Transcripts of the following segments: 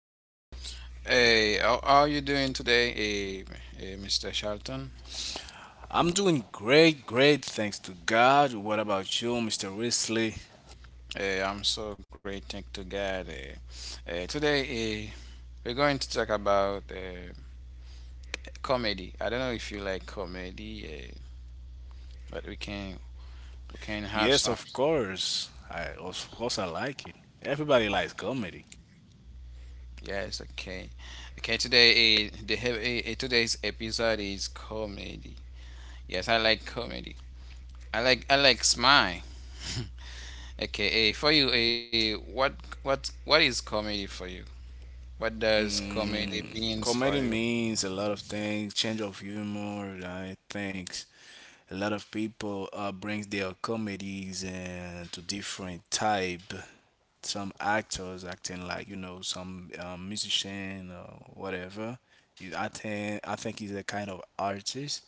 eh, how are you doing today, Mr. Charlton? I'm doing great, thanks to God. What about you, Mr. Risley? I'm so great, thank to God. Eh. Today, we're going to talk about comedy. I don't know if you like comedy, but we can have Yes, some. of course. I of course I like it. Everybody likes comedy. Yes, okay. Okay, today, eh, the hea- eh, eh, today's episode is comedy. Yes, I like comedy. I like smile. Okay, for you, eh, what what is comedy for you? What does comedy Mm, means for you? comedy means a lot of things, change of humor. I think a lot of people brings their comedies and to different type. Some actors acting like you know some musician or whatever. I think he's a kind of artist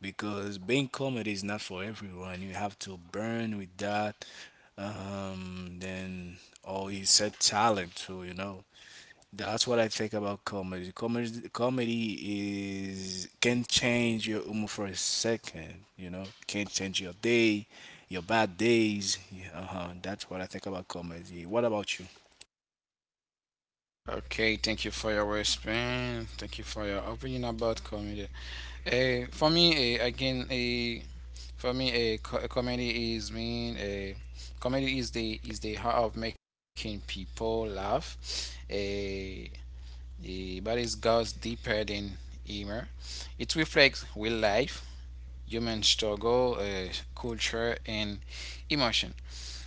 because being comedy is not for everyone. You have to burn with that. Then or it's a talent too, you know. That's what I think about comedy. Comedy is can change your humor for a second. You know, can change your day, your bad days. Yeah, uh-huh. That's what I think about comedy. What about you? Okay, thank you for your response. Thank you for your opinion about comedy. For me, again, for me, comedy is mean. Comedy is the heart of making people laugh. Eh, but it goes deeper than humor. It reflects real life, human struggle, culture, and emotion.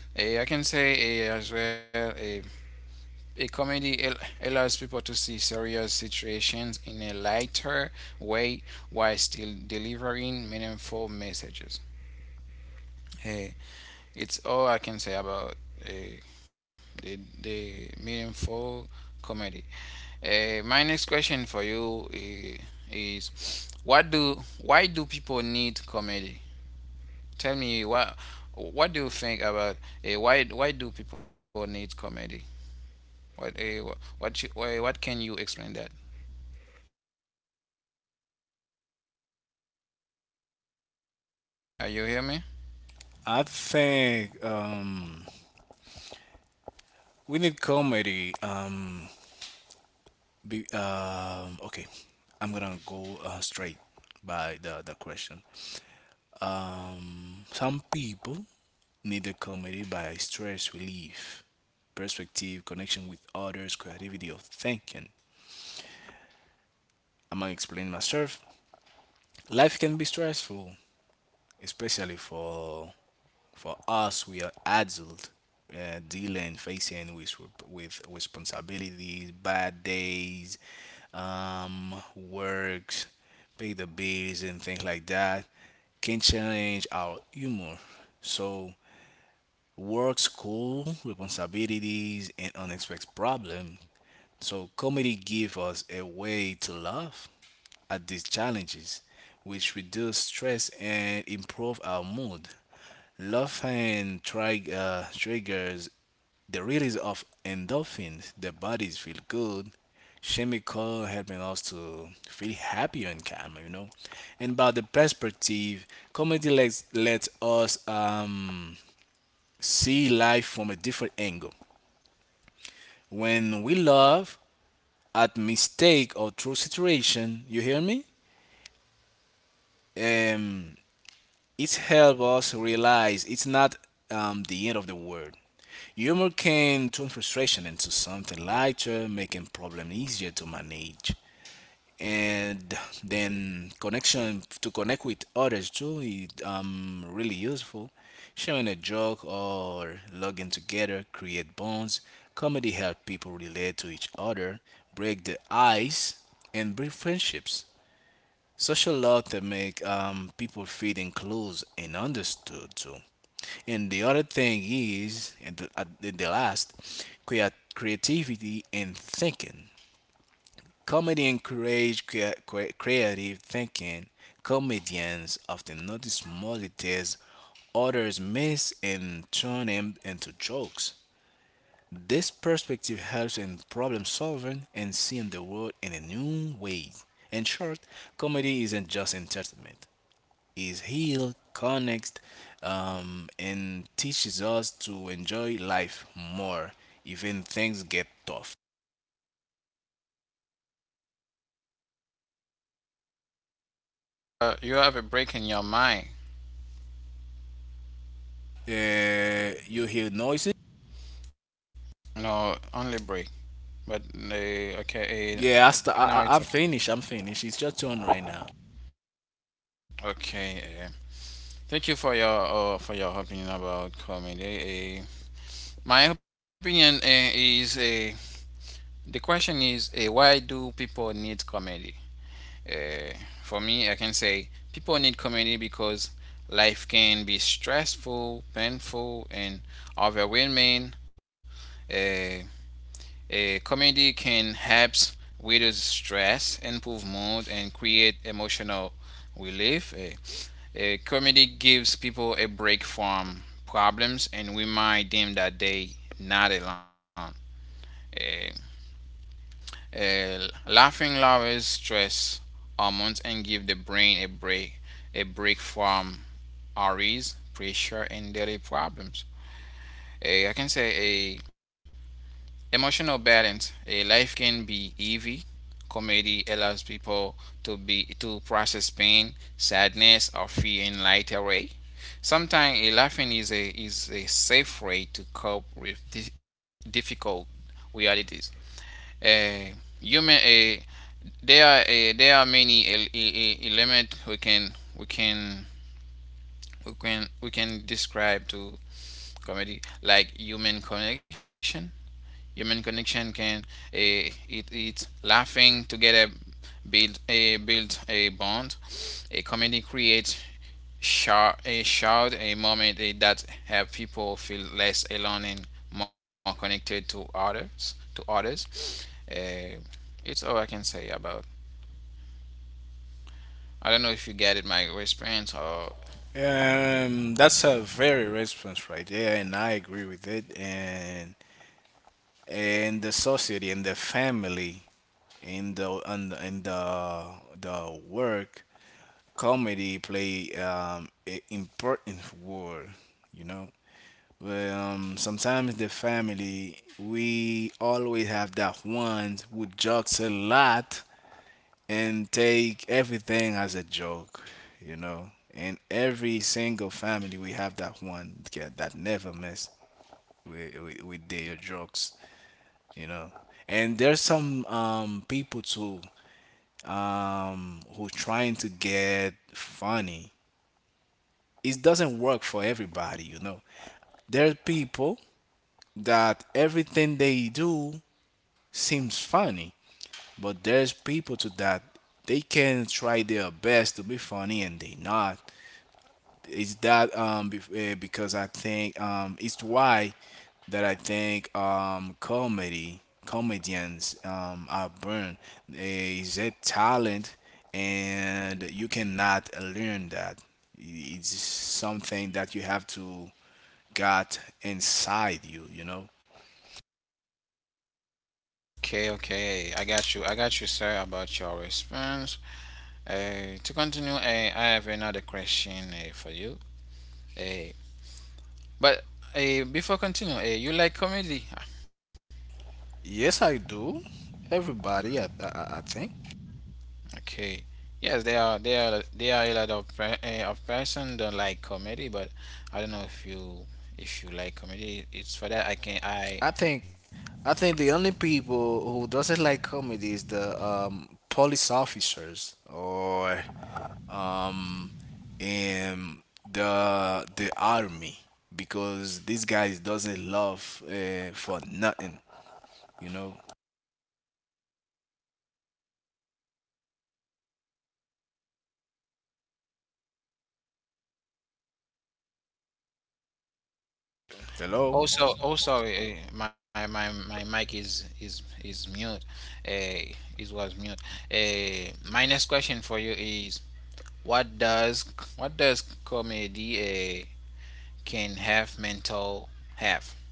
I can say as well. Eh. A comedy allows people to see serious situations in a lighter way while still delivering meaningful messages. Hey, it's all I can say about uh, the meaningful comedy. My next question for you is what do why do people need comedy? Tell me what do you think about why do people need comedy? What uh, what can you explain that? Are you hear me? I think we need comedy. Okay, I'm gonna go straight by the question. Some people needed comedy by stress relief, perspective, connection with others, creativity of thinking. Am I explaining myself? Life can be stressful, especially for us. We are adults, dealing, facing with responsibilities, bad days, works, pay the bills, and things like that. Can challenge our humor. So work, school, responsibilities, and unexpected problems. So comedy gives us a way to laugh at these challenges, which reduce stress and improve our mood. Laughing triggers the release of endorphins. The bodies feel good. Chemical helping us to feel happier and calmer, you know. And about the perspective, comedy lets us see life from a different angle. When we love at mistake or true situation, you hear me? Um, it helps us realize it's not the end of the world. Humor can turn frustration into something lighter, making problem easier to manage. And then connection to connect with others too is really useful. Sharing a joke or logging together create bonds. Comedy helps people relate to each other, break the ice, and build friendships. Social love that make people feel enclosed and understood too. And the other thing is and the last creat- creativity and thinking. Comedy encourages creative thinking. Comedians often notice small details others miss and turn them into jokes. This perspective helps in problem solving and seeing the world in a new way. In short, comedy isn't just entertainment. It heals, connects, and teaches us to enjoy life more, even things get tough. You have a break in your mind. You hear noises? No, only break. But okay, Yeah, but now it's I'm okay. finished. I'm finished. It's your turn right now. Okay. Thank you for your opinion about comedy. My opinion is, the question is, why do people need comedy? Uh, for me, I can say people need comedy because life can be stressful, painful, and overwhelming. Uh, A comedy can help reduce stress, improve mood, and create emotional relief. A comedy gives people a break from problems and remind them that they not alone. A, a laughing lowers stress hormones and give the brain a break from worries, pressure, and daily problems. I can say a emotional balance. A life can be heavy. Comedy allows people to process pain, sadness, or fear in lighter way. Sometimes a laughing is a safe way to cope with difficult realities. Uh, human, uh, there are there are many elements we can describe to comedy like human connection. Human connection can it it's laughing together, build a bond. A community creates a shout a moment that help people feel less alone and more connected to others. Eh, it's all I can say about. I don't know if you get it my response or That's a very response right there, and I agree with it. And the society and the family and the the work, comedy play a important role. You know, but sometimes the family, we always have that one who jokes a lot and take everything as a joke, you know. In every single family, we have that one kid that never mess with, their jokes, you know. And there's some people too who trying to get funny. It doesn't work for everybody, you know. There are people that everything they do seems funny, but there's people to that they can try their best to be funny and they not. Because I think it's why that I think comedy comedians are born, is a talent and you cannot learn that. It's something that you have to got inside you. You know. okay okay I got you sir about your response. To continue, I have another question for you. Eh, but before continue, you like comedy? Ah, Yes, I do. Everybody, I think. okay. Yes, there are a lot of person don't like comedy, but I don't know if you like comedy. It's for that I can I I think I think the only people who doesn't like comedy is the police officers or um, in the army because these guys doesn't love for nothing, you know. Hello. also also my my mic is mute. It was mute. My next question for you is what does what does comedy can have mental have?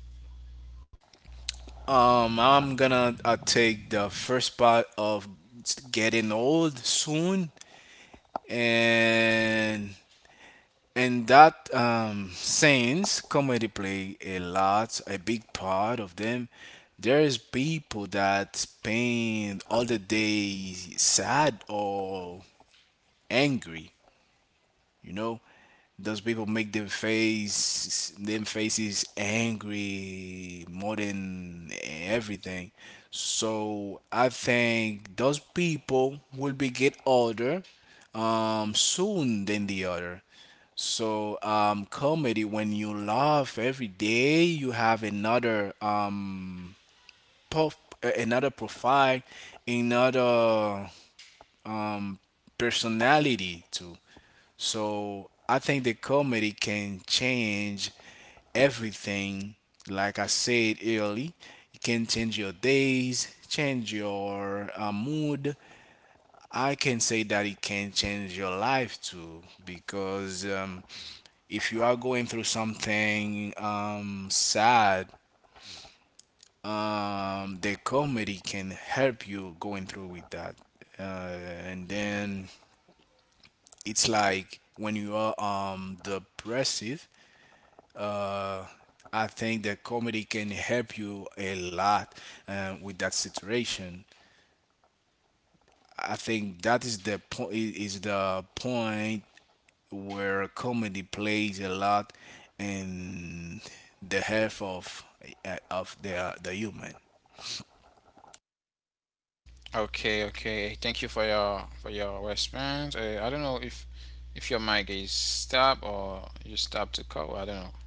I'm gonna take the first part of getting old soon. And And that since comedy play a lot, a big part of them, there's people that spend all the day sad or angry. You know, those people make them face them faces angry more than everything. So I think those people will be get older soon than the other. So comedy when you laugh every day, you have another prof- another profile, another um, personality too. So I think the comedy can change everything. Like I said early, it can change your days, change your mood. I can say that it can change your life too, because if you are going through something sad, the comedy can help you going through with that. Uh, and then it's like when you are depressive, uh, I think that comedy can help you a lot with that situation. I think that is the point where comedy plays a lot in the health of the human. Okay, okay. Thank you for your response. I don't know if your mic is stop or you stop to call. I don't know.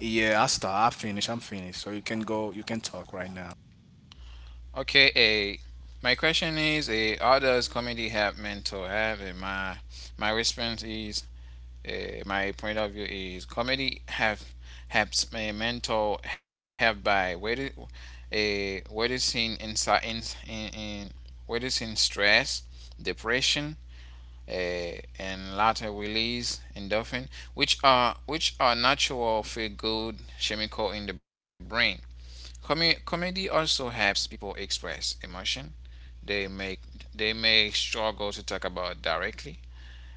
Yeah, I start. I finish. I'm finished. So you can go. You can talk right now. Okay, my question is, how does comedy help mental health? My response is, my point of view is, comedy have helps my mental health by reducing insi- in reducing stress, depression, and later release endorphin, which are natural feel-good chemical in the brain. Comedy also helps people express emotion they make they may struggle to talk about directly.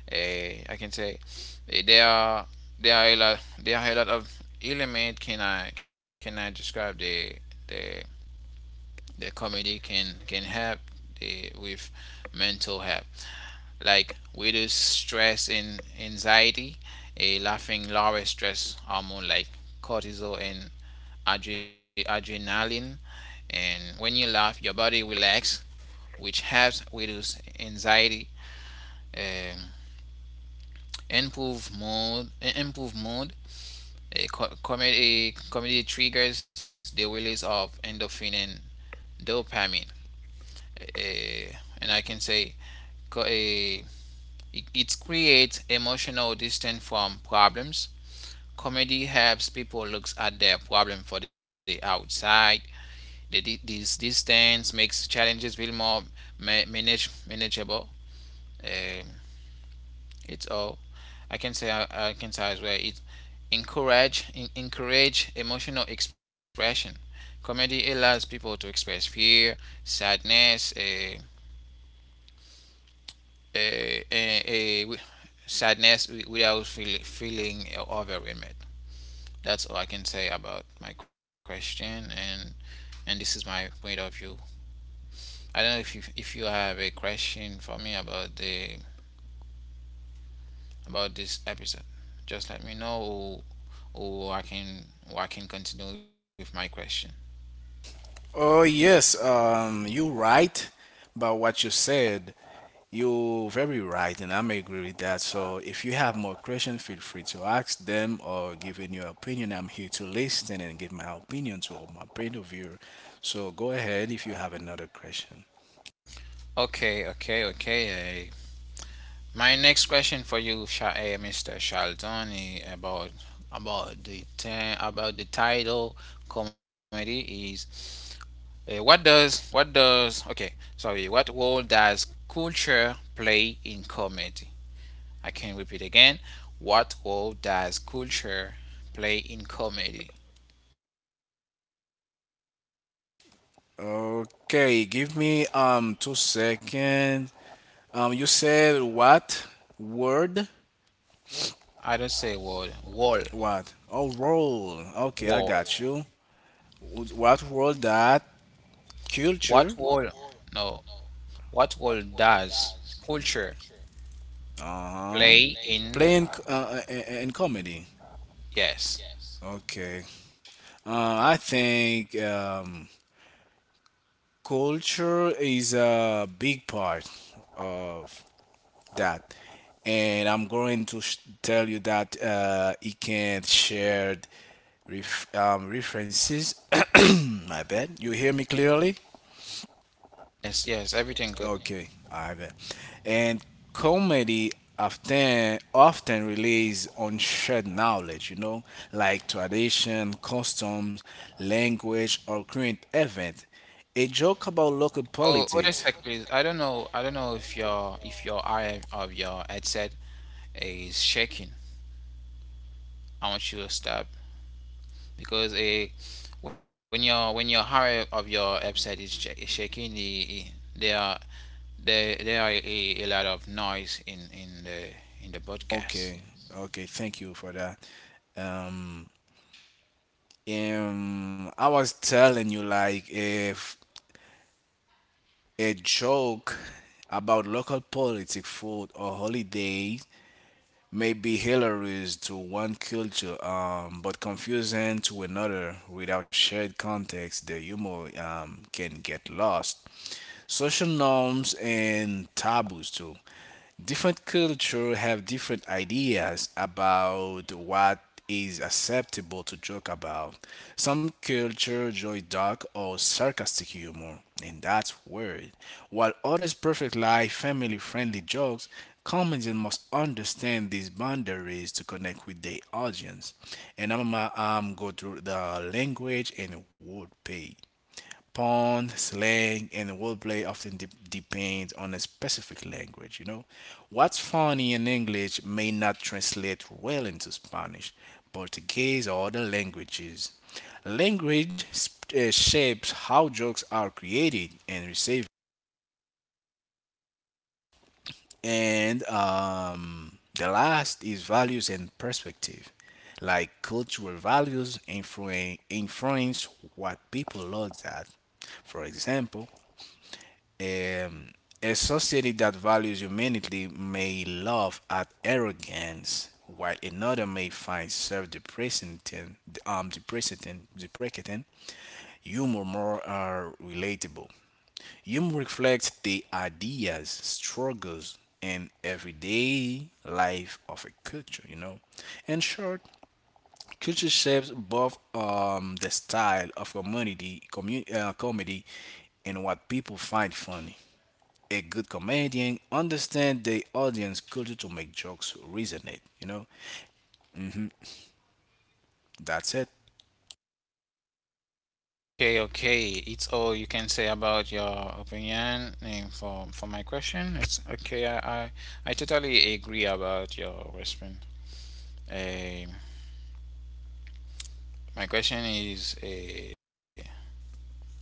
I can say there are there are a lot of element can I describe the the comedy can help the, with mental health like reduce stress and anxiety. A laughing lower stress hormone like cortisol and adrenaline. And when you laugh, your body relax, which helps reduce anxiety, um, improve mood. A Comedy triggers the release of endorphin and dopamine. And I can say co- eh, it creates emotional distance from problems. Comedy helps people look at their problem from the outside. This distance makes challenges feel more manageable. Um, it's all I can say. I can say as well. It encourage emotional expression. Comedy allows people to express fear, sadness, uh, uh, uh, sadness without feeling overwhelmed. That's all I can say about my question and this is my point of view. I don't know if you have a question for me about the about this episode. Just let me know, or I can or I can continue with my question. Oh yes, you right about what you said. You're very right, and I may agree with that. So if you have more questions, feel free to ask them or give in your opinion. I'm here to listen and give my opinion to all my point of view. So go ahead if you have another question. Okay, okay, okay. My next question for you, Mr. Charlton, about about the title comedy is, eh, what does okay, sorry, what role does culture play in comedy? I can repeat again. What role does culture play in comedy? Okay, give me 2 seconds. You said what word? I don't say word. Wall. What? Oh, role. Okay, I Wall. got you. What role that What culture role? No. What role does culture Uh-huh. play in? Playing and comedy. Yes. Okay. I think culture is a big part of that. And I'm going to tell you that it can share references. My bad. You hear me clearly? Yes, yes, everything good. Okay, I bet. And comedy often relies on shared knowledge, you know, like tradition, customs, language, or current event. A joke about local Oh, other politics. sec, please. I don't know. I don't know if your eye of your headset is shaking. I want you to stop because a when your eye of your headset is, is shaking, there are there there are a lot of noise in the Okay, podcast. okay, thank you for that. Um, I was telling you like if a joke about local politics, food, or holiday may be hilarious to one culture but confusing to another without shared context, the humor can get lost. Social norms and taboos too. Different culture have different ideas about what is acceptable to joke about. Some culture enjoy dark or sarcastic humor, and that's weird, while others perfect life family-friendly jokes. Comedians must understand these boundaries to connect with their audience. And I'm go through the language and word pay. Pun, slang, and wordplay often depend on a specific language, you know. What's funny in English may not translate well into Spanish, Portuguese, or other languages. Language shapes how jokes are created and received. And the last is values and perspective. Like cultural values influence what people look at. For example, um, a society that values humanity may laugh at arrogance, while another may find deprecating humor more relatable. Humor reflects the ideas, struggles, and everyday life of a culture. You know, in short, culture shapes both the style of comedy, and what people find funny. A good comedian understand the audience culture to make jokes resonate. You know, that's it. Okay, okay. It's all you can say about your opinion and for my question. It's okay. I, I totally agree about your response. Um, My question is,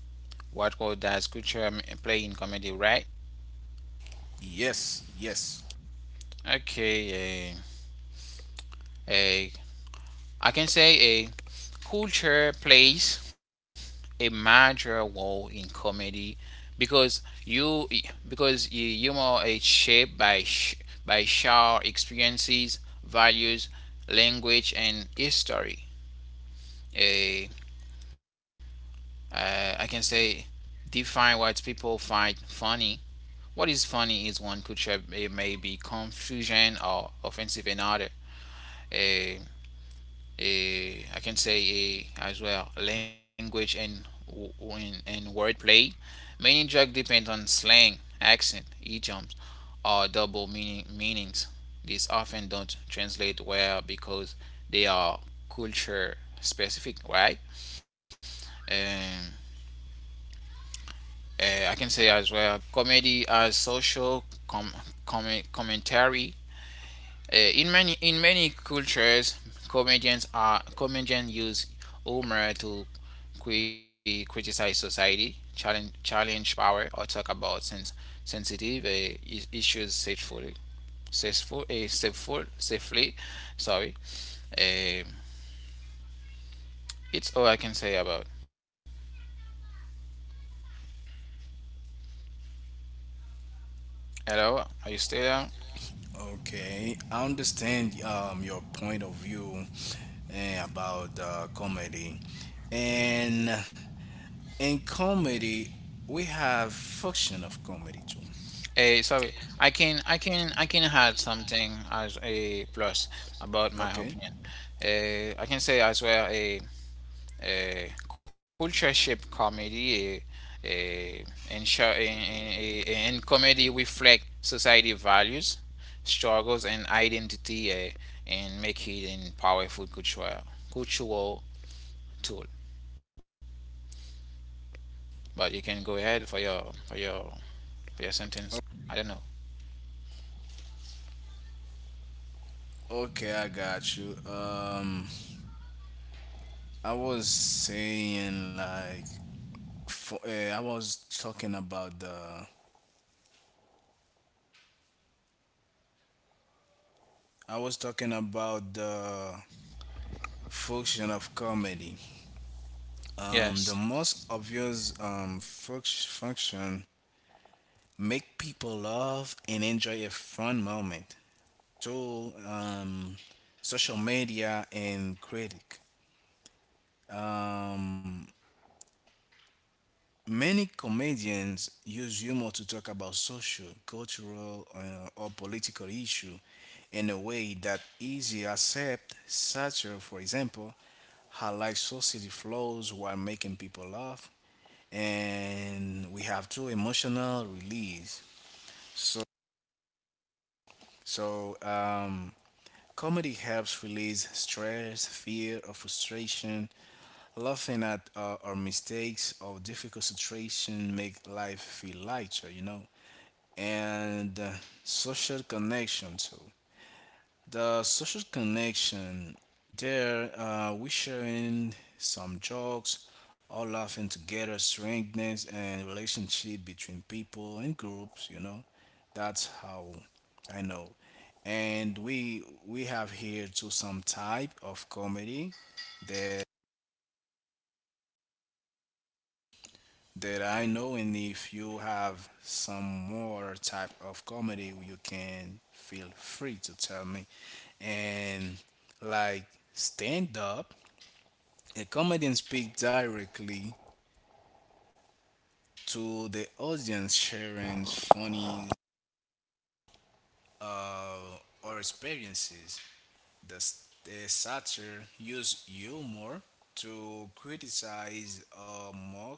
what role does culture play in comedy, right? Yes, yes. Okay, uh, uh, I can say a culture plays a major role in comedy because you humor is shaped by by shared experiences, values, language, and history. A I can say define what people find funny. What is funny is one culture may, be confusing or offensive another. A, I can say a, as well language and wordplay. Many jokes depend on slang, accent, idioms, or meanings. These often don't translate well because they are culture specific, right? Um, I can say as well comedy as social commentary. Uh, in many cultures, comedians use humor to criticize society, challenge power, or talk about sensitive uh, issues safely, safely. Sorry, uh, it's all I can say about. Hello, are you still there? Okay, I understand your point of view about comedy, and in comedy we have function of comedy too. Sorry, I can add something as a plus about my Okay, opinion. I can say as well. Culture shape comedy, and, show, and comedy reflect society values, struggles and identity, and make it a powerful cultural tool, but you can go ahead for your for your sentence. I don't know. okay, I got you. I was saying like, for, uh, I was talking about the I was talking about the function of comedy. The Yes. most obvious function make people laugh and enjoy a fun moment. Tool, social media, and critic. Um, Many comedians use humor to talk about social, cultural, or political issue in a way that easy accept. Satire, for example, highlights society flaws while making people laugh, and we have true emotional release. So, so comedy helps release stress, fear, or frustration. Laughing at our mistakes or difficult situation make life feel lighter. You know. And social connection too. The social connection there, we sharing some jokes, all laughing together, strengthens and relationship between people and groups. You know, that's how I know. And we have here too some type of comedy. There that I know, and if you have some more type of comedy, you can feel free to tell me. And like stand up, a comedian speaks directly to the audience, sharing funny uh, or experiences. The satire use humor to criticize or mock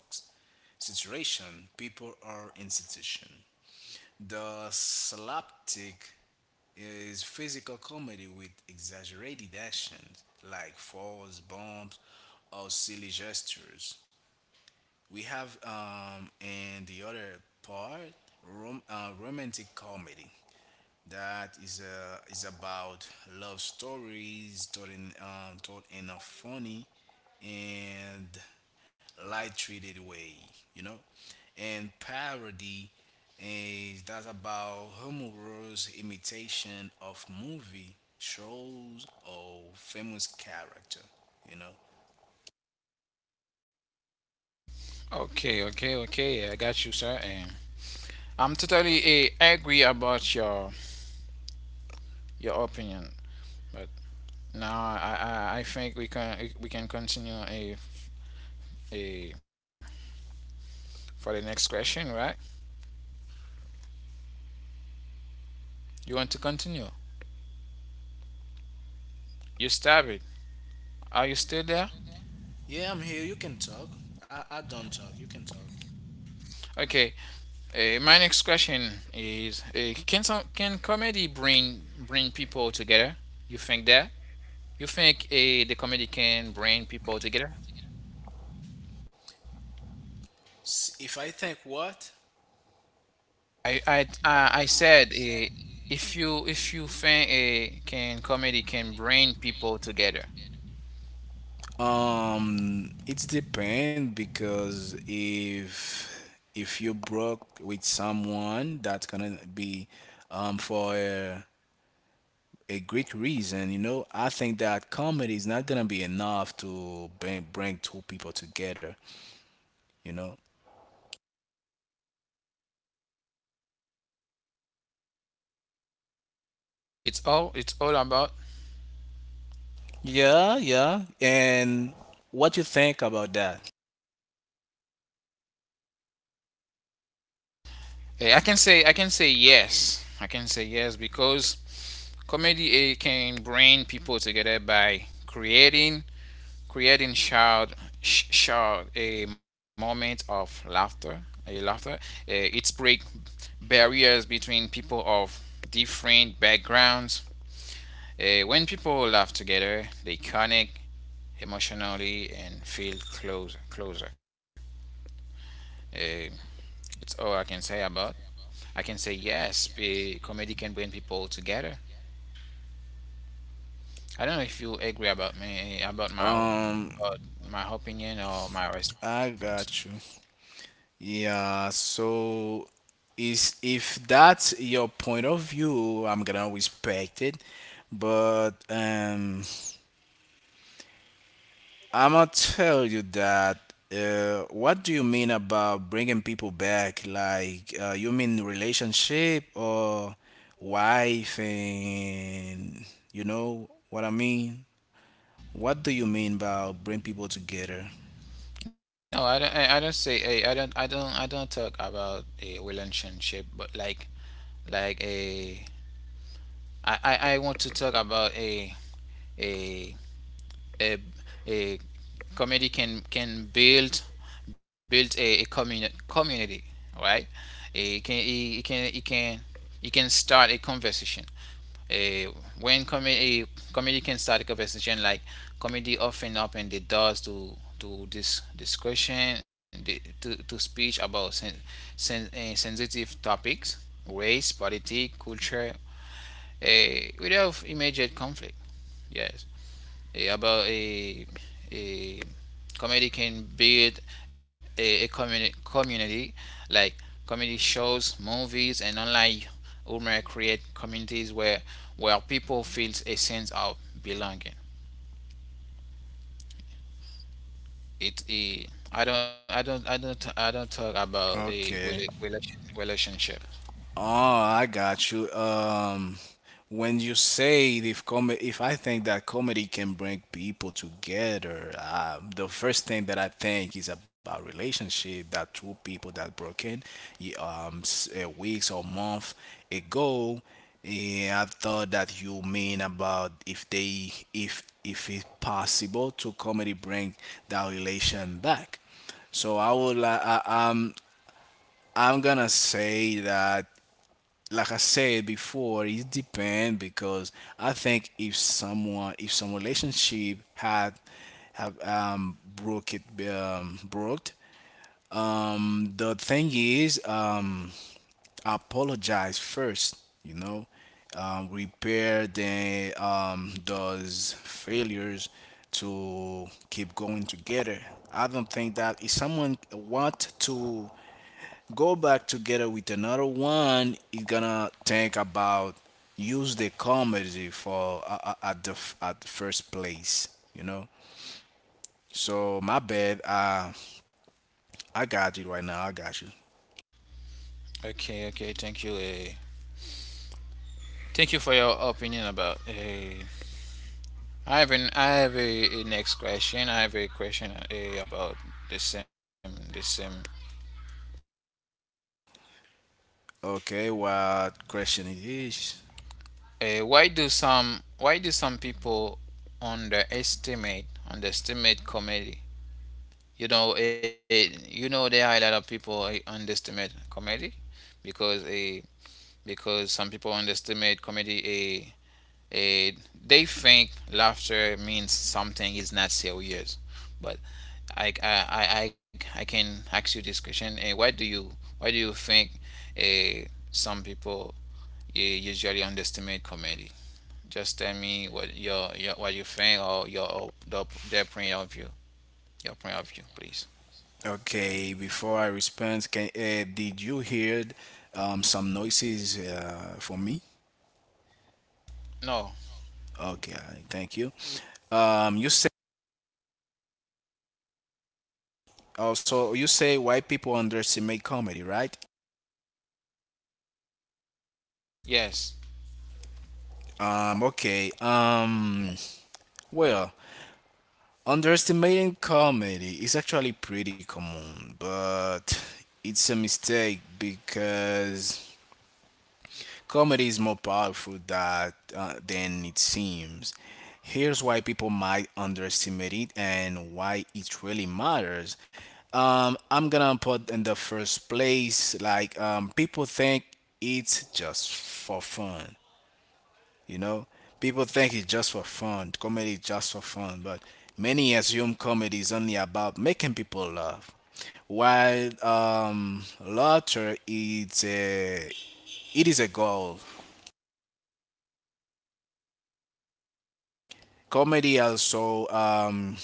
situation, people, or institution. The slapstick is physical comedy with exaggerated actions like falls, bumps, or silly gestures. We have, in the other part, romantic comedy that is about love stories told in told in a funny and light treated way, you know, and parody is that's about humorous imitation of movie shows or famous character, you know. Okay, okay, okay. I got you, sir. And I'm totally agree about your opinion, but now I think we can continue a for the next question, right? You want to continue? You stab it. Are you still there? Yeah, I'm here. You can talk. I don't talk. You can talk. Okay. My next question is: Can some can comedy bring people together? You think that? You think the comedy can bring people together? If I think what. I I I said, if you think can comedy can bring people together. It's depend because if you broke with someone, that's gonna be for a great reason. You know, I think that comedy is not gonna be enough to bring two people together. You know. It's all about. Yeah, yeah. And what you think about that? I can say yes. I can say yes because comedy can bring people together by creating creating shared shared a moment of laughter, a laughter. It's break barriers between people of different backgrounds. When people laugh together, they connect emotionally and feel closer. Eh, it's all I can say about. I can say yes, be, comedy can bring people together. I don't know if you agree about me Um, about my opinion or my response. I got you. Yeah, so is if that's your point of view, I'm gonna respect it. But I'ma tell you that. What do you mean about bringing people back? Like, you mean relationship or wife and you know what I mean? What do you mean about bring people together? No, I don't. I don't say. I don't. I don't. I don't talk about a relationship, but like a. I want to talk about a a, a community can build build a communi- community. Right, it can it, can it can it can start a conversation. uh, when comedy can start a conversation. Like comedy often open the doors to this discussion, to speech about sensitive topics: race, politics, culture, without immediate conflict. Yes. About a comedy can build a community. Like comedy shows, movies, and online humor create communities where people feel a sense of belonging. it eh, I don't talk about a Okay. rela- relation- relationship. Oh, I got you. When you say if comedy, if I think that comedy can bring people together, the first thing that I think is about relationship that two people that broken, weeks or month ago. Yeah, I thought that you mean about if they if it's possible to comedy bring that relation back. So I would like I, I'm gonna say that, like I said before, it depends because I think if someone, if some relationship had have broke it, broke, the thing is apologize first, you know, repair the those failures to keep going together. I don't think that if someone want to go back together with another one is gonna think about use the comedy for at the first place, you know. So my bad. I got you right now. I got you. Okay, okay, thank you. Eh. Thank you for your opinion about. I have an I have a next question. I have a question about the same. Okay, what question it is? Why do some people underestimate comedy? You know, there are a lot of people underestimate comedy because uh, because some people underestimate comedy. Uh, uh, they think laughter means something is not serious. But I I, I, I can ask you this question. Why do you think uh, some people usually underestimate comedy? Just tell me what your what you think, or their point of view. Your point of view, please. Okay, before I respond, can did you hear some noises for me? No. Okay, thank you. You say, also you say white people underestimate comedy, right? Yes. Okay. Well, underestimating comedy is actually pretty common, but it's a mistake because comedy is more powerful that, than it seems. Here's why people might underestimate it and why it really matters. I'm gonna put in the first place, like people think it's just for fun. You know, people think it's just for fun. Comedy is just for fun, but many assume comedy is only about making people laugh, while laughter is a, it is a goal. Comedy also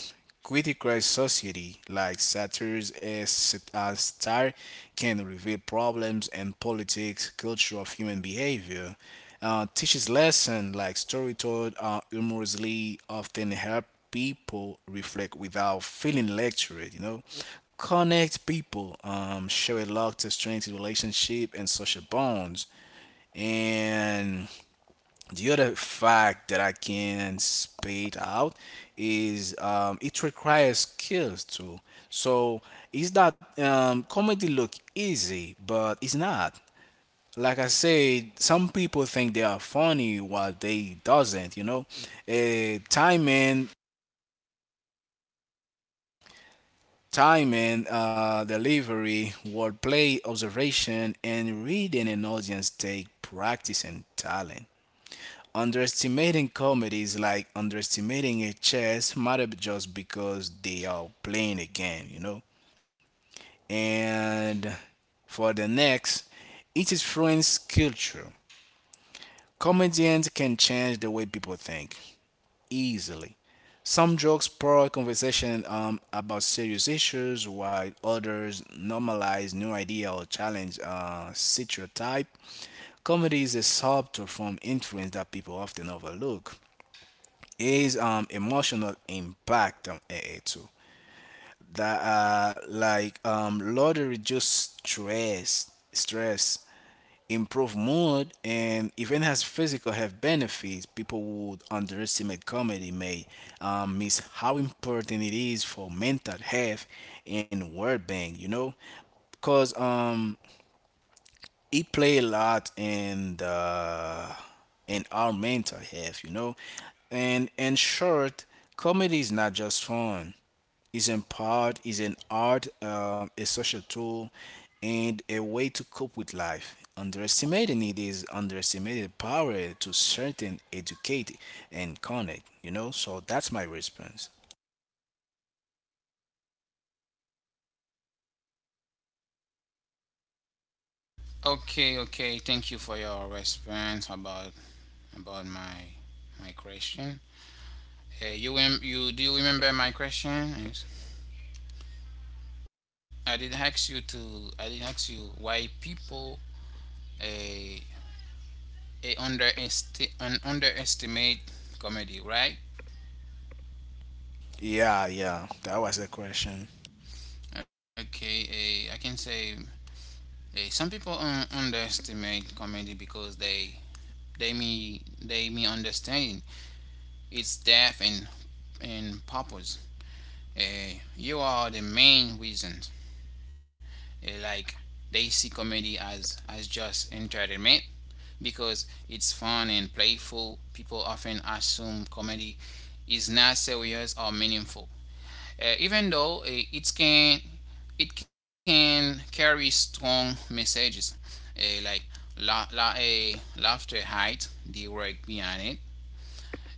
criticized society, like satires, as satire can reveal problems and politics, culture of human behavior. Teaches lesson like story told humorously often help people reflect without feeling lectured. You know, connect people, show a lot to strengthen relationship and social bonds, and the other fact that I can spit out is it requires skills too. So it's not comedy look easy, but it's not. Like I said, some people think they are funny while they doesn't. You know, uh, timing, timing, delivery, wordplay, observation, and reading an audience take practice and talent. Underestimating comedy is like underestimating a chess matter just because they are playing a game, you know. And for the next, it is influence culture. Comedians can change the way people think easily. Some jokes spark conversation about serious issues, while others normalize new idea or challenge stereotype. Comedy is a subtle form influence that people often overlook. Is emotional impact on AA too. That like lottery reduce stress, improve mood and even has physical health benefits, people would underestimate comedy may miss how important it is for mental health and well being, you know? Cause he play a lot in the in our mental health, you know. And in short, comedy is not just fun. It's an part, it's an art, a social tool, and a way to cope with life. Underestimating it is underestimating the power to certain educate and connect, you know. So that's my response. Okay. Okay. Thank you for your response about my question. You you Do you remember my question? Yes. I did ask you why people a a underesti- an underestimate comedy, right? Yeah, yeah, that was the question. Okay. I can say some people underestimate comedy because they may understand its depth and purpose. You are the main reasons. Like they see comedy as just entertainment because it's fun and playful. People often assume comedy is not serious or meaningful. Even though, it can carry strong messages. Like la, la, eh, laughter hides the work behind it.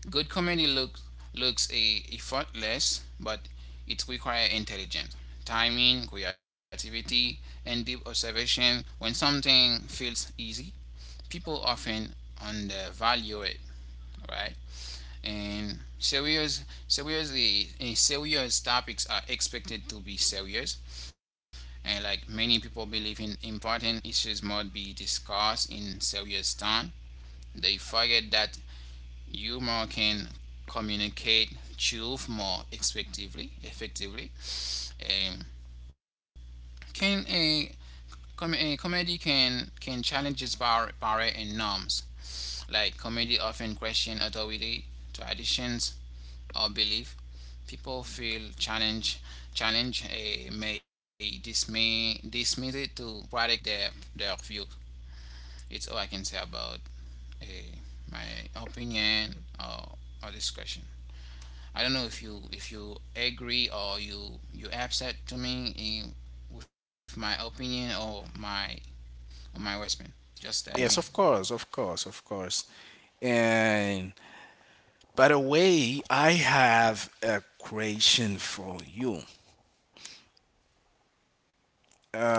Good comedy looks a effortless, but it requires intelligence, timing, creativity, and deep observation. When something feels easy, people often undervalue it, right? And serious topics are expected to be serious, and like many people believe in important issues must be discussed in serious tone. They forget that humor can communicate truth more effectively. Um, can a, a comedy can challenge its barrier and norms. Like comedy often question authority, traditions, or belief. People feel challenge challenge may dismay dismiss it to protect their view. It's all I can say about uh, my opinion or, or discussion. I don't know if you agree, or you upset to me with my opinion or my Westman. Yes, Just of tell me. course, of course, of course. And by the way, I have a question for you. Uh,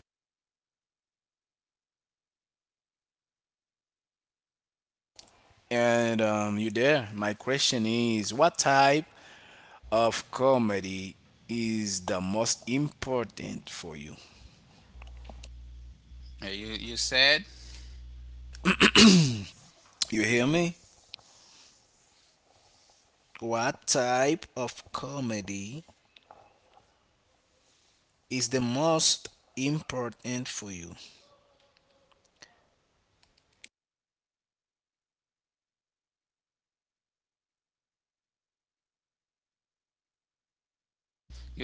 and You there? My question is, what type of comedy is the most important for you? Uh, you you said You hear me? What type of comedy is the most important for you?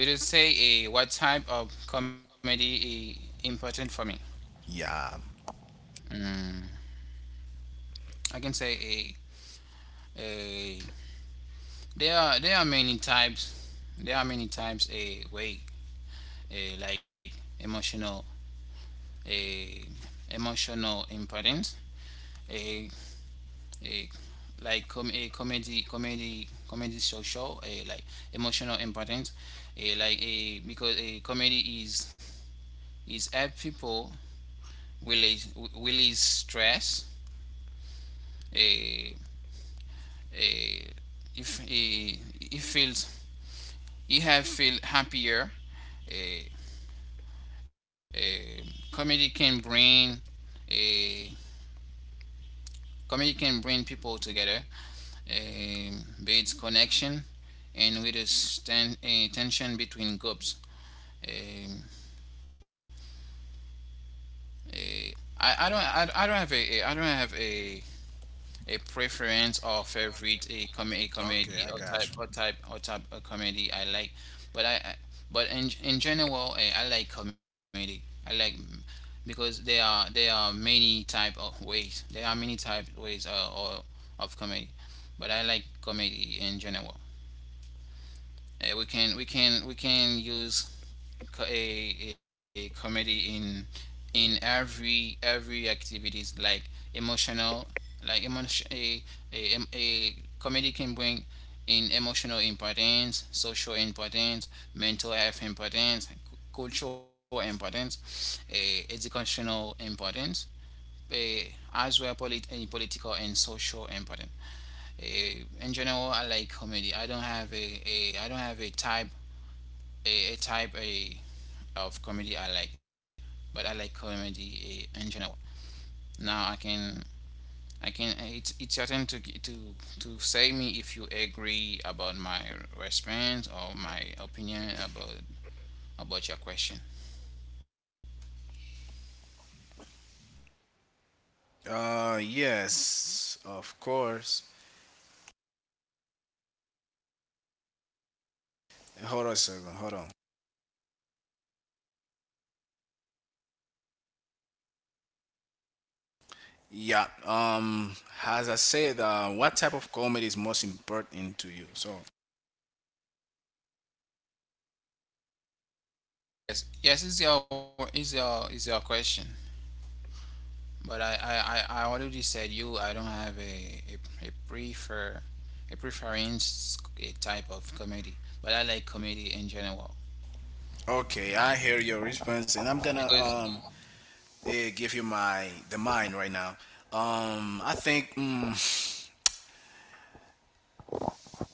you did say what type of comedy is important for me. Yeah. Mm, I can say a there are many types. There are many types a way a like emotional, a emotional importance, a a like com- a comedy show, a like emotional importance, a like a because a comedy is help people release release stress. A a If he feels, he have feel happier. A, a comedy can bring a Comedy can bring people together, builds connection and reduce tension between groups. Aaii do not I don't have a a preference or favorite a, com- a Okay, comedy, I or type got or type or type of comedy I like, but I but in general, I like comedy. I like. Because there are many type of ways. There are many type ways, or of comedy, but I like comedy in general. We can use co- a comedy in every activities, like emotional, like emotion a, em- a comedy can bring in emotional importance, social importance, mental health importance, cultural importance, educational importance, a, as well polit- a political and social important. In general, I like comedy. I don't have a type, a type a of comedy I like, but I like comedy in general. Now I can it's your turn to say me if you agree about my response or my opinion about your question. you. Yes, of course. Hold on a second. Hold on. Yeah. As I said, what type of comedy is most important to you? So, Yes, yes. Is your question. But I already said you I don't have a, a prefer a preference, a type of comedy. But I like comedy in general okay, I hear your response, and I'm because. gonna give you my the mine right now. I think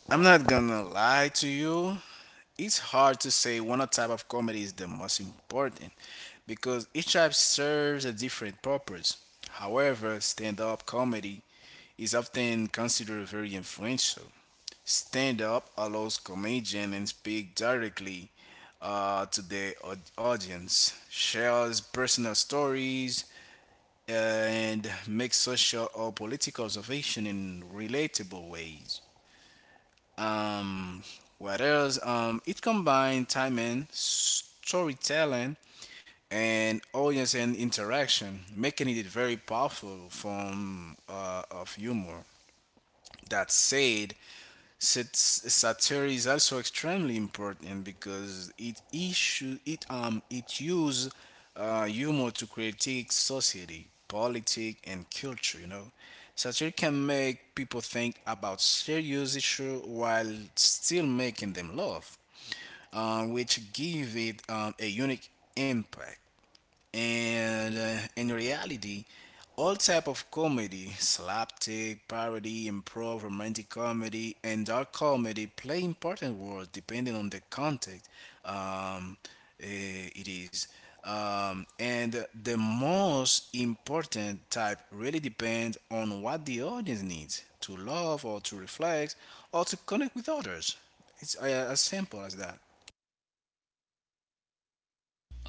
I'm not gonna lie to you. It's hard to say one type of comedy is the most important because each type serves a different purpose. However, stand-up comedy is often considered very influential. Stand up allows comedian and speak directly to the audience, shares personal stories, and makes social or political observation in relatable ways. Um, what else? It combines timing, storytelling, and audience and interaction, making it a very powerful form of humor. That said, satire is also extremely important because it issue it it use humor to critique society, politics, and culture. You know, satire can make people think about serious issue while still making them laugh, which give it a unique impact. And in reality, all type of comedy, slapstick, parody, improv, romantic comedy, and dark comedy play important roles depending on the context. Um, eh, it is and The most important type really depends on what the audience needs to love or to reflect or to connect with others. It's as simple as that.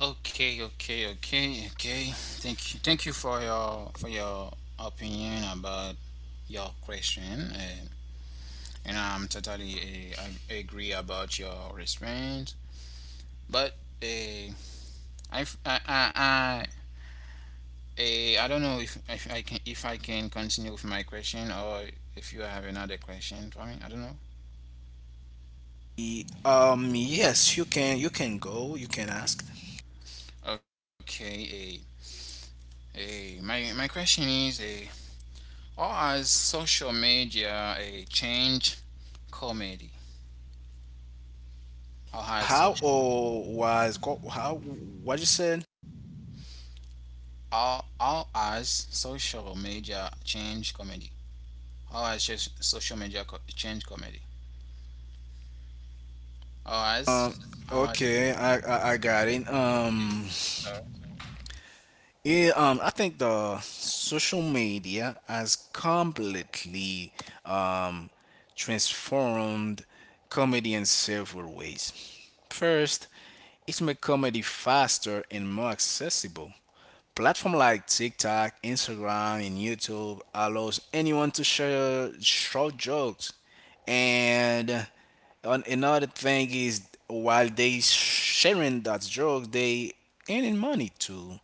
Okay, okay, okay, okay. Thank you for your opinion about your question, and I'm totally agree about your response. But uh, I, f- I don't know if I can continue with my question, or if you have another question for me. I don't know. Yes, you can, you can go, you can ask. Okay. My question is, how has social media changed comedy? How How has or was how, what you said? how has social media changed comedy? How has social media changed comedy? How Um, has okay, how has I got it. Okay, sorry. Yeah, I think the social media has completely um, transformed comedy in several ways. First, it's made comedy faster and more accessible. Platform like TikTok, Instagram, and YouTube allows anyone to share short jokes. And on, another thing is, while they sharing that joke, they earning money too,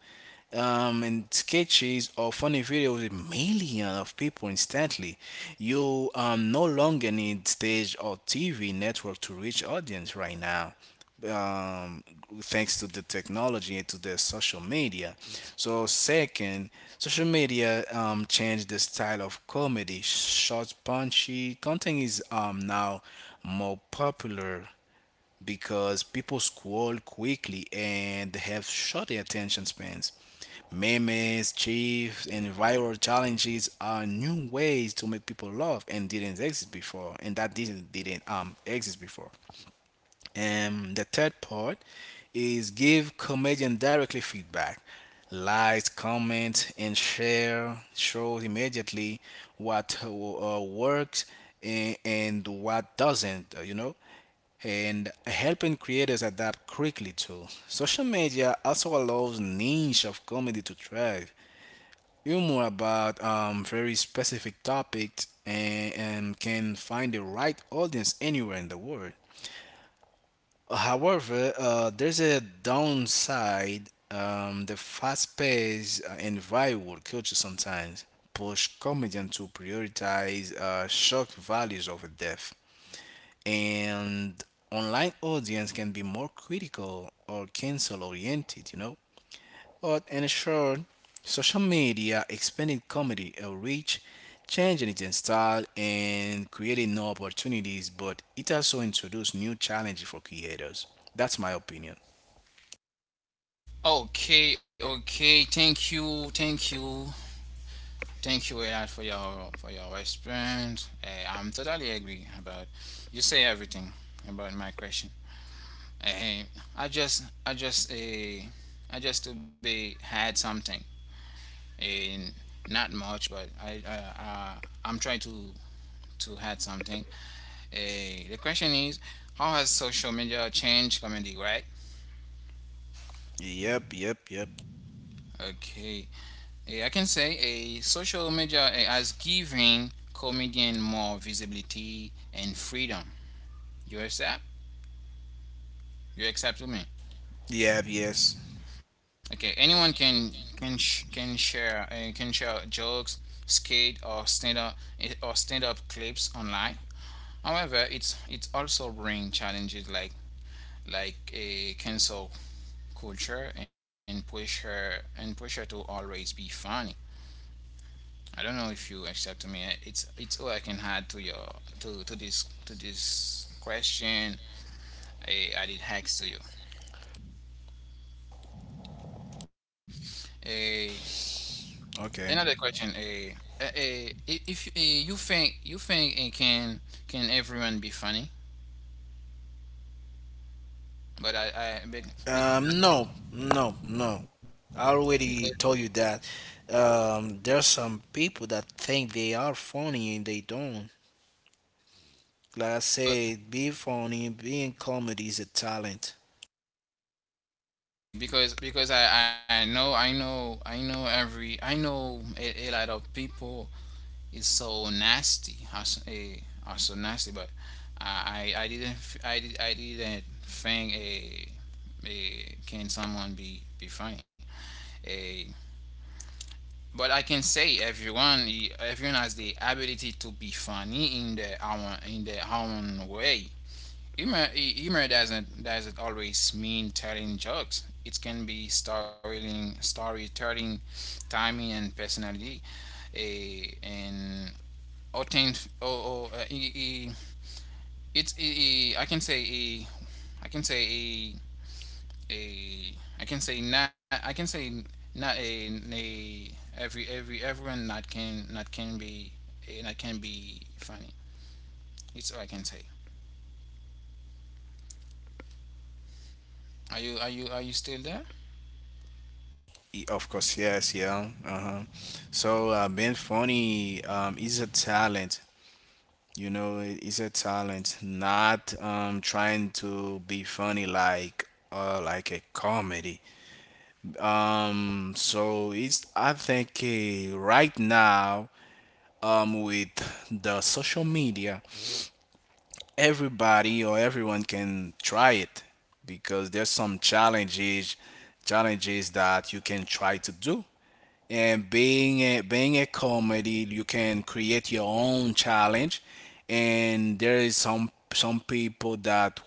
and sketches or funny videos with millions of people instantly. You no longer need stage or TV network to reach audience right now. Um, Thanks to the technology and to the social media. So second, social media changed the style of comedy. Short, punchy content is now more popular because people scroll quickly and have short attention spans. Memes, chiefs, and viral challenges are new ways to make people laugh and didn't exist before, and that didn't exist before. And the third part is give comedian directly feedback. Likes, comment, and share shows immediately what works, and what doesn't. You know, and helping creators adapt quickly too. Social media also allows niche of comedy to thrive, hear more about very specific topics, and can find the right audience anywhere in the world. However, there's a downside. The fast-paced and viral culture sometimes push comedians to prioritize shock values over depth, and online audience can be more critical or cancel-oriented. You know, but in short, social media expanded comedy outreach, changing its style and creating new opportunities, but it also introduced new challenges for creators. That's my opinion. Okay, okay. Thank you, Elad, for your response. I'm totally agree about you say everything about my question. Eh, I just I just eh, I just to be had something, and not much, but I'm trying to add something. The question is, how has social media changed comedy, right? Yep, yep, yep. Okay. I can say a social media has given comedian more visibility and freedom. You accept? You accept to me? Yep, yes. Okay. Anyone can sh- can share eh, can share jokes, skate or stand up, or stand up clips online. However, it also bring challenges, like a cancel culture, and push her to always be funny. I don't know if you accept me. It's all I can add to your, to this question. I added hacks to you. A Okay. Another question. If you think can everyone be funny? But I bec- because No, I- no, no. I already because told you that. There's some people that think they are funny and they don't. Like I but- said, be funny, being comedy is a talent. Because I know a lot of people is so nasty. Are so nasty, but I, didn't f- I, did, I didn't think a can someone be funny. A But I can say everyone everyone has the ability to be funny in their own way. Humor doesn't always mean telling jokes. It can be storytelling, timing, and personality. A and obtain or e- e- it's e- e- I can say a I can say a I can say not. I can say Not a, a every, everyone not can be, not can be funny. It's all I can say. Are you still there? Of course, yes, yeah. Uh-huh. So, being funny is a talent. You know, it is a talent. Not trying to be funny like a comedy. So it's, I think right now, with the social media, everybody or everyone can try it because there's some challenges that you can try to do. And being a comedy, you can create your own challenge. And there is some people that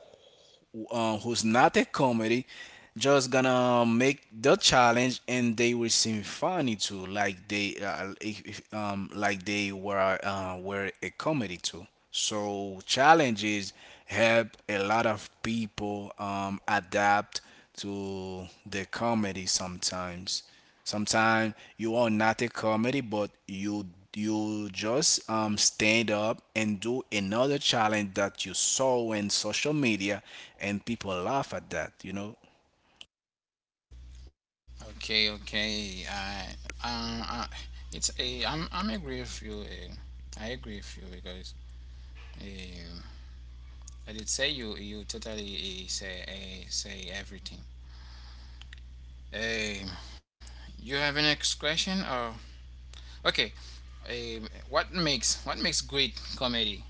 who's not a comedy just gonna make the challenge and they will seem funny too, like they if, like they were a comedy too. So challenges help a lot of people adapt to the comedy sometimes. Sometimes you are not a comedy, but you just stand up and do another challenge that you saw in social media, and people laugh at that. You know, Okay, okay. Um I, I'm agree with you. I agree with you because um I did say you totally, say everything. Um You have an next question? Oh, okay. What makes great comedy?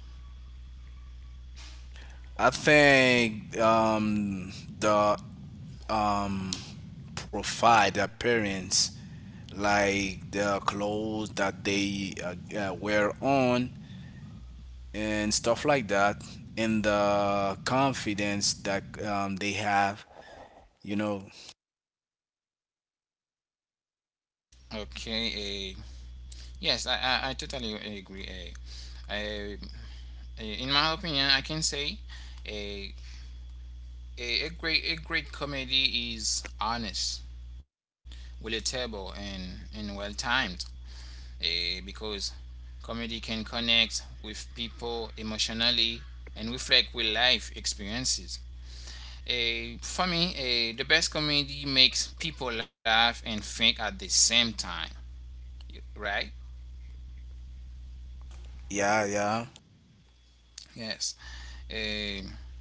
I think the um, provide appearance, like the clothes that they wear on and stuff like that, and the confidence that they have, you know. Okay. Uh, yes, I totally agree. I, in my opinion, I can say a, a great comedy is honest, relatable, and well timed. Because comedy can connect with people emotionally and reflect with life experiences. For me, the best comedy makes people laugh and think at the same time, right? Yeah, yeah. Yes. Eh,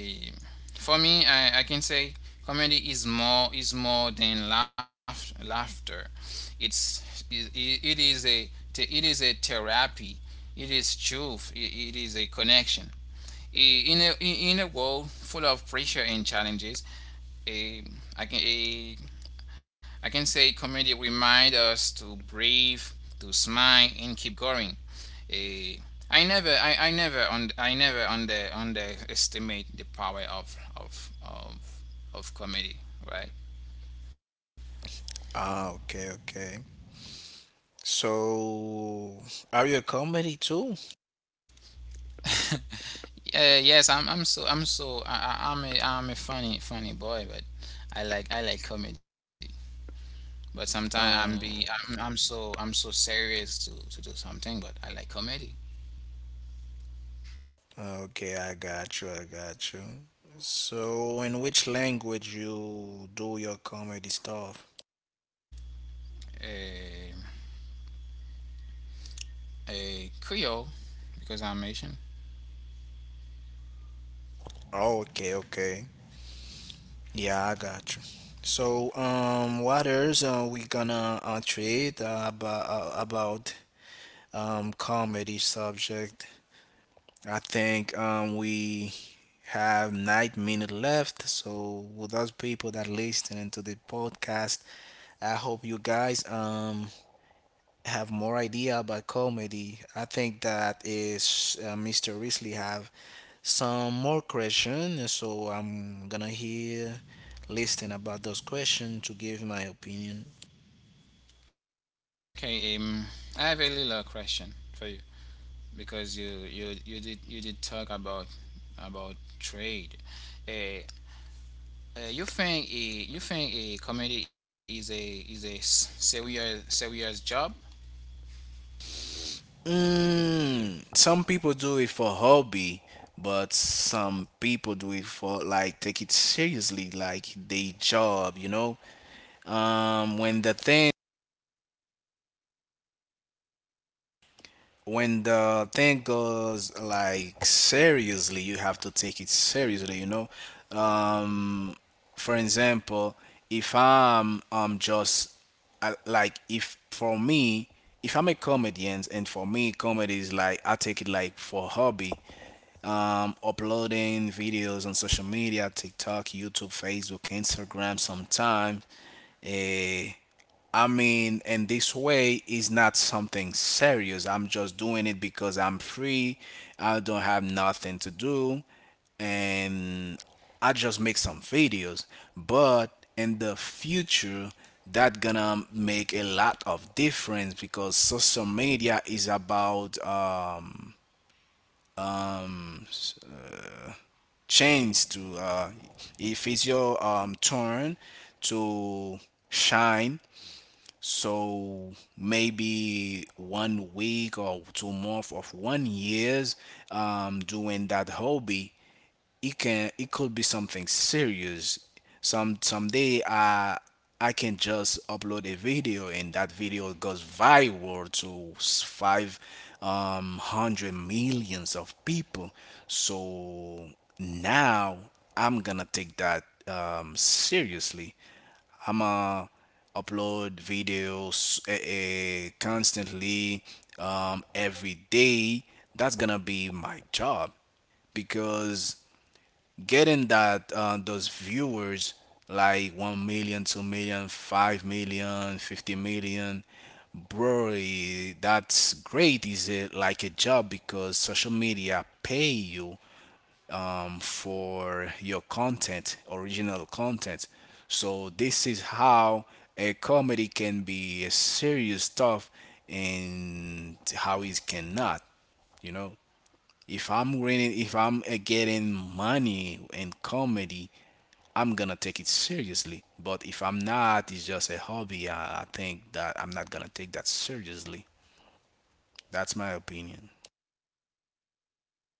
eh, for me, I can say comedy is more than laughter. It's it, it is a it is a therapy. It is truth. It is a connection. In a world full of pressure and challenges, eh, I can a I can say comedy remind us to breathe, to smile, and keep going. Eh, I never underestimate the power of comedy, right? Ah, okay, okay. So, are you a comedy too? Yeah, yes. I'm so, I- I'm a funny, funny boy, but I like comedy. But sometimes I'm be, Um, I'm so serious to do something, but I like comedy. okay, I got you, I got you. So, in which language you do your comedy stuff? Eh, a Creole, because I'm Asian. Oh, okay, okay. Yeah, I got you. So, what else are we gonna treat about comedy subject? I think we have 9 minutes left. So, with those people that listening to the podcast, I hope you guys have more idea about comedy. I think that is Mr. Risley have some more question. So I'm gonna hear listen about those questions to give my opinion. Okay. I have a little question for you, because you did talk about trade. Uh, uh, you think a you think a comedy is a serious job? Some people do it for hobby, but some people do it for like take it seriously, like they job. Um, when the thing when the thing goes like seriously, you have to take it seriously. Um, for example, if I'm just I, like if for me if I'm a comedian and for me comedy is like I take it like for hobby, uploading videos on social media, TikTok, YouTube, Facebook, Instagram sometimes. Eh, I mean, and this way is not something serious. I'm just doing it because I'm free, I don't have nothing to do, and I just make some videos. But in the future, that gonna make a lot of difference, because social media is about, change to, if it's your turn to shine. So maybe one week or 2 months of one years, doing that hobby, it could be something serious. Someday I can just upload a video, and that video goes viral to five hundred millions of people. So now I'm gonna take that seriously. I'm going to upload videos constantly, every day. That's gonna be my job, because getting that, those viewers, like 1 million, 2 million, 5 million, 50 million. Bro, that's great. Is it like a job? Because social media pay you, for your content, original content. So this is how a comedy can be a serious stuff, and how it cannot you know if I'm winning, if I'm getting money in comedy, I'm gonna take it seriously. But if I'm not, it's just a hobby. I think that I'm not gonna take that seriously. That's my opinion.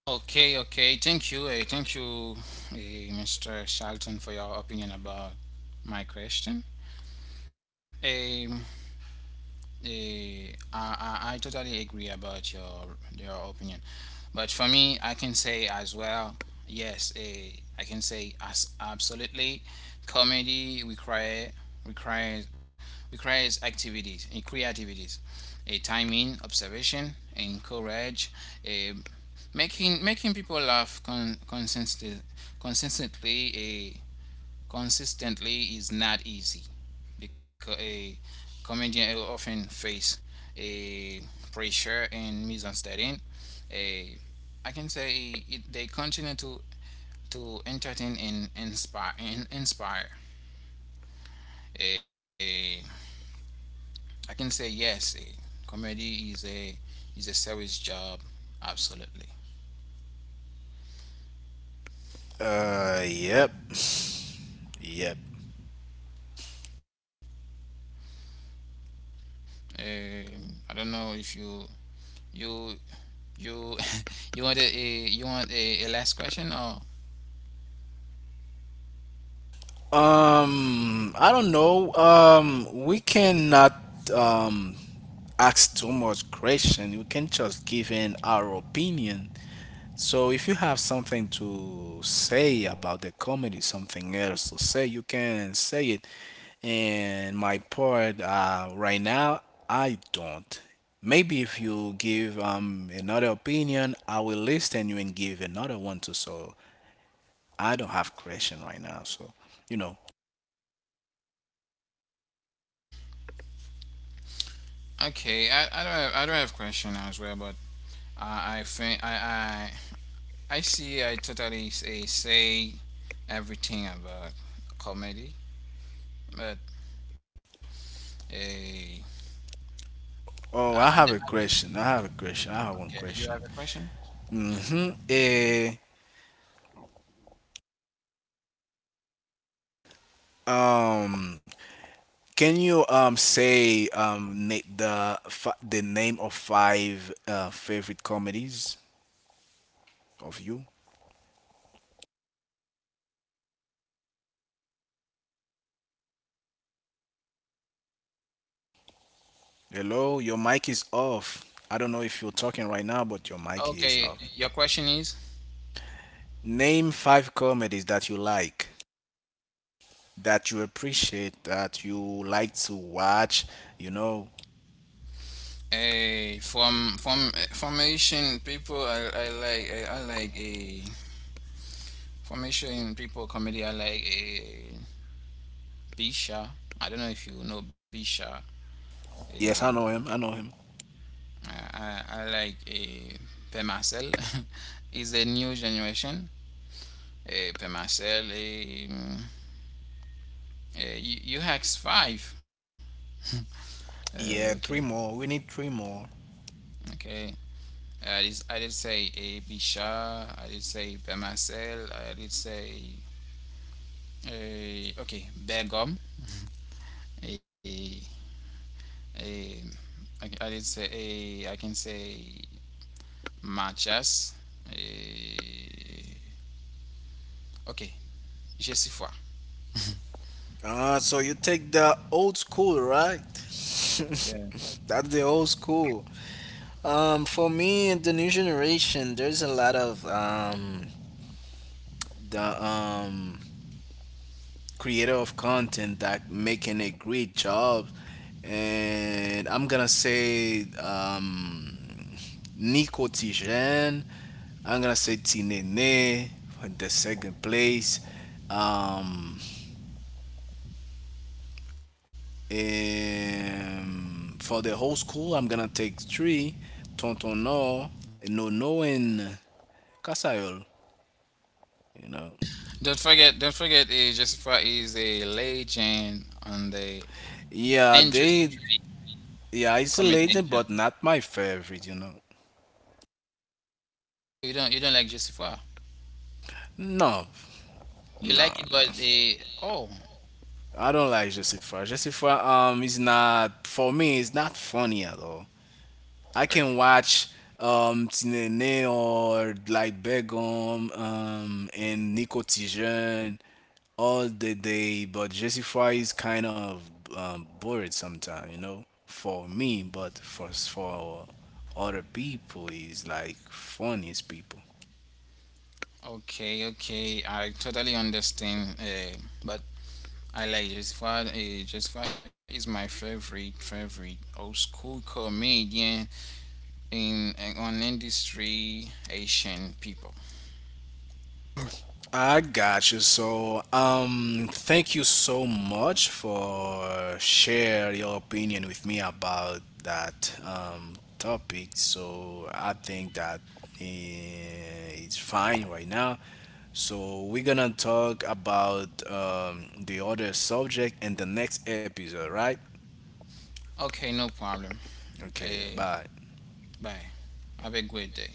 Okay, okay. Thank you. Thank you, uh, Mr. Shelton, for your opinion about my question. Um, Eh, I, I totally agree about your opinion, but for me, I can say as well, yes. I can say as absolutely, comedy requires requires activities and creativities, a timing, observation, and courage. eh, making people laugh consistently eh, consistently is not easy, because a comedian will often face a pressure and misunderstanding. A I can say they continue to entertain and inspire. A I can say yes, a comedy is a serious job, absolutely. Yep, yep. I don't know if you you you want a, you want a last question or. I don't know. We cannot um ask too much question. We can just give in our opinion. So if you have something to say about the comedy, something else to say, you can say it. And my part, right now, I don't. Maybe if you give another opinion, I will listen you and give another one too. So I don't have question right now. So, you know. Okay, I don't have question as well, but I, I think I, I I see I totally say everything about comedy, but eh, Oh, I, I have I, a question. I have a question. I have one okay, you question. have a question? Okay, Mm-hmm. Um, Can you say the name of five favorite comedies of you? Hello, your mic is off. I don't know if you're talking right now, but your mic is off. okay, your question is. Name five comedies that you like, that you appreciate, that you like to watch. You know. A from eh, Formation people. I like a formation people comedy. I like a Bisha. I don't know if you know Bisha. Eh, Yes, I know him. I know him. like a Pemasel. Is a new generation. Per Marcel. Hex five. Okay, Yeah, three more. We need three more. okay. I did say a Bisha. I did say Per Marcel. I did say okay, Bergom. A Begum. Eh, okay, I did say, I can say Machas. uh, okay, je. Ah, so you take the old school, right? Yes. That's the old school. For me, in the new generation, there's a lot of the creator of content that making a great job, and I'm gonna say Nico Tijen. I'm gonna say Tinene for the second place. Um, and for the whole school, I'm gonna take three. Tonton No, No No, and Kasayol. You know. Don't forget, Jessica is a legend on the interest Yeah, they yeah. It's a communication. legend, but not my favorite. You don't like Joseph Wow. No, You no, like it, no. but they oh I don't like Jessica. Jessica is not for me. It's not funny at all. I can ok- watch Tinene or like Begum and Nico Tijen all the day, but Jessica is kind of bored sometimes, for me. But for other people, is like funniest people. okay, okay, I totally understand. But I like Joseph Wow. Joseph Wow is my favorite old school comedian in on industry Asian people. I got you. So, thank you so much for share your opinion with me about that topic. So I think that, it's fine right now. So we're gonna talk about the other subject in the next episode, right? Okay, no problem. Okay, Uh, bye. Bye. Have a great day.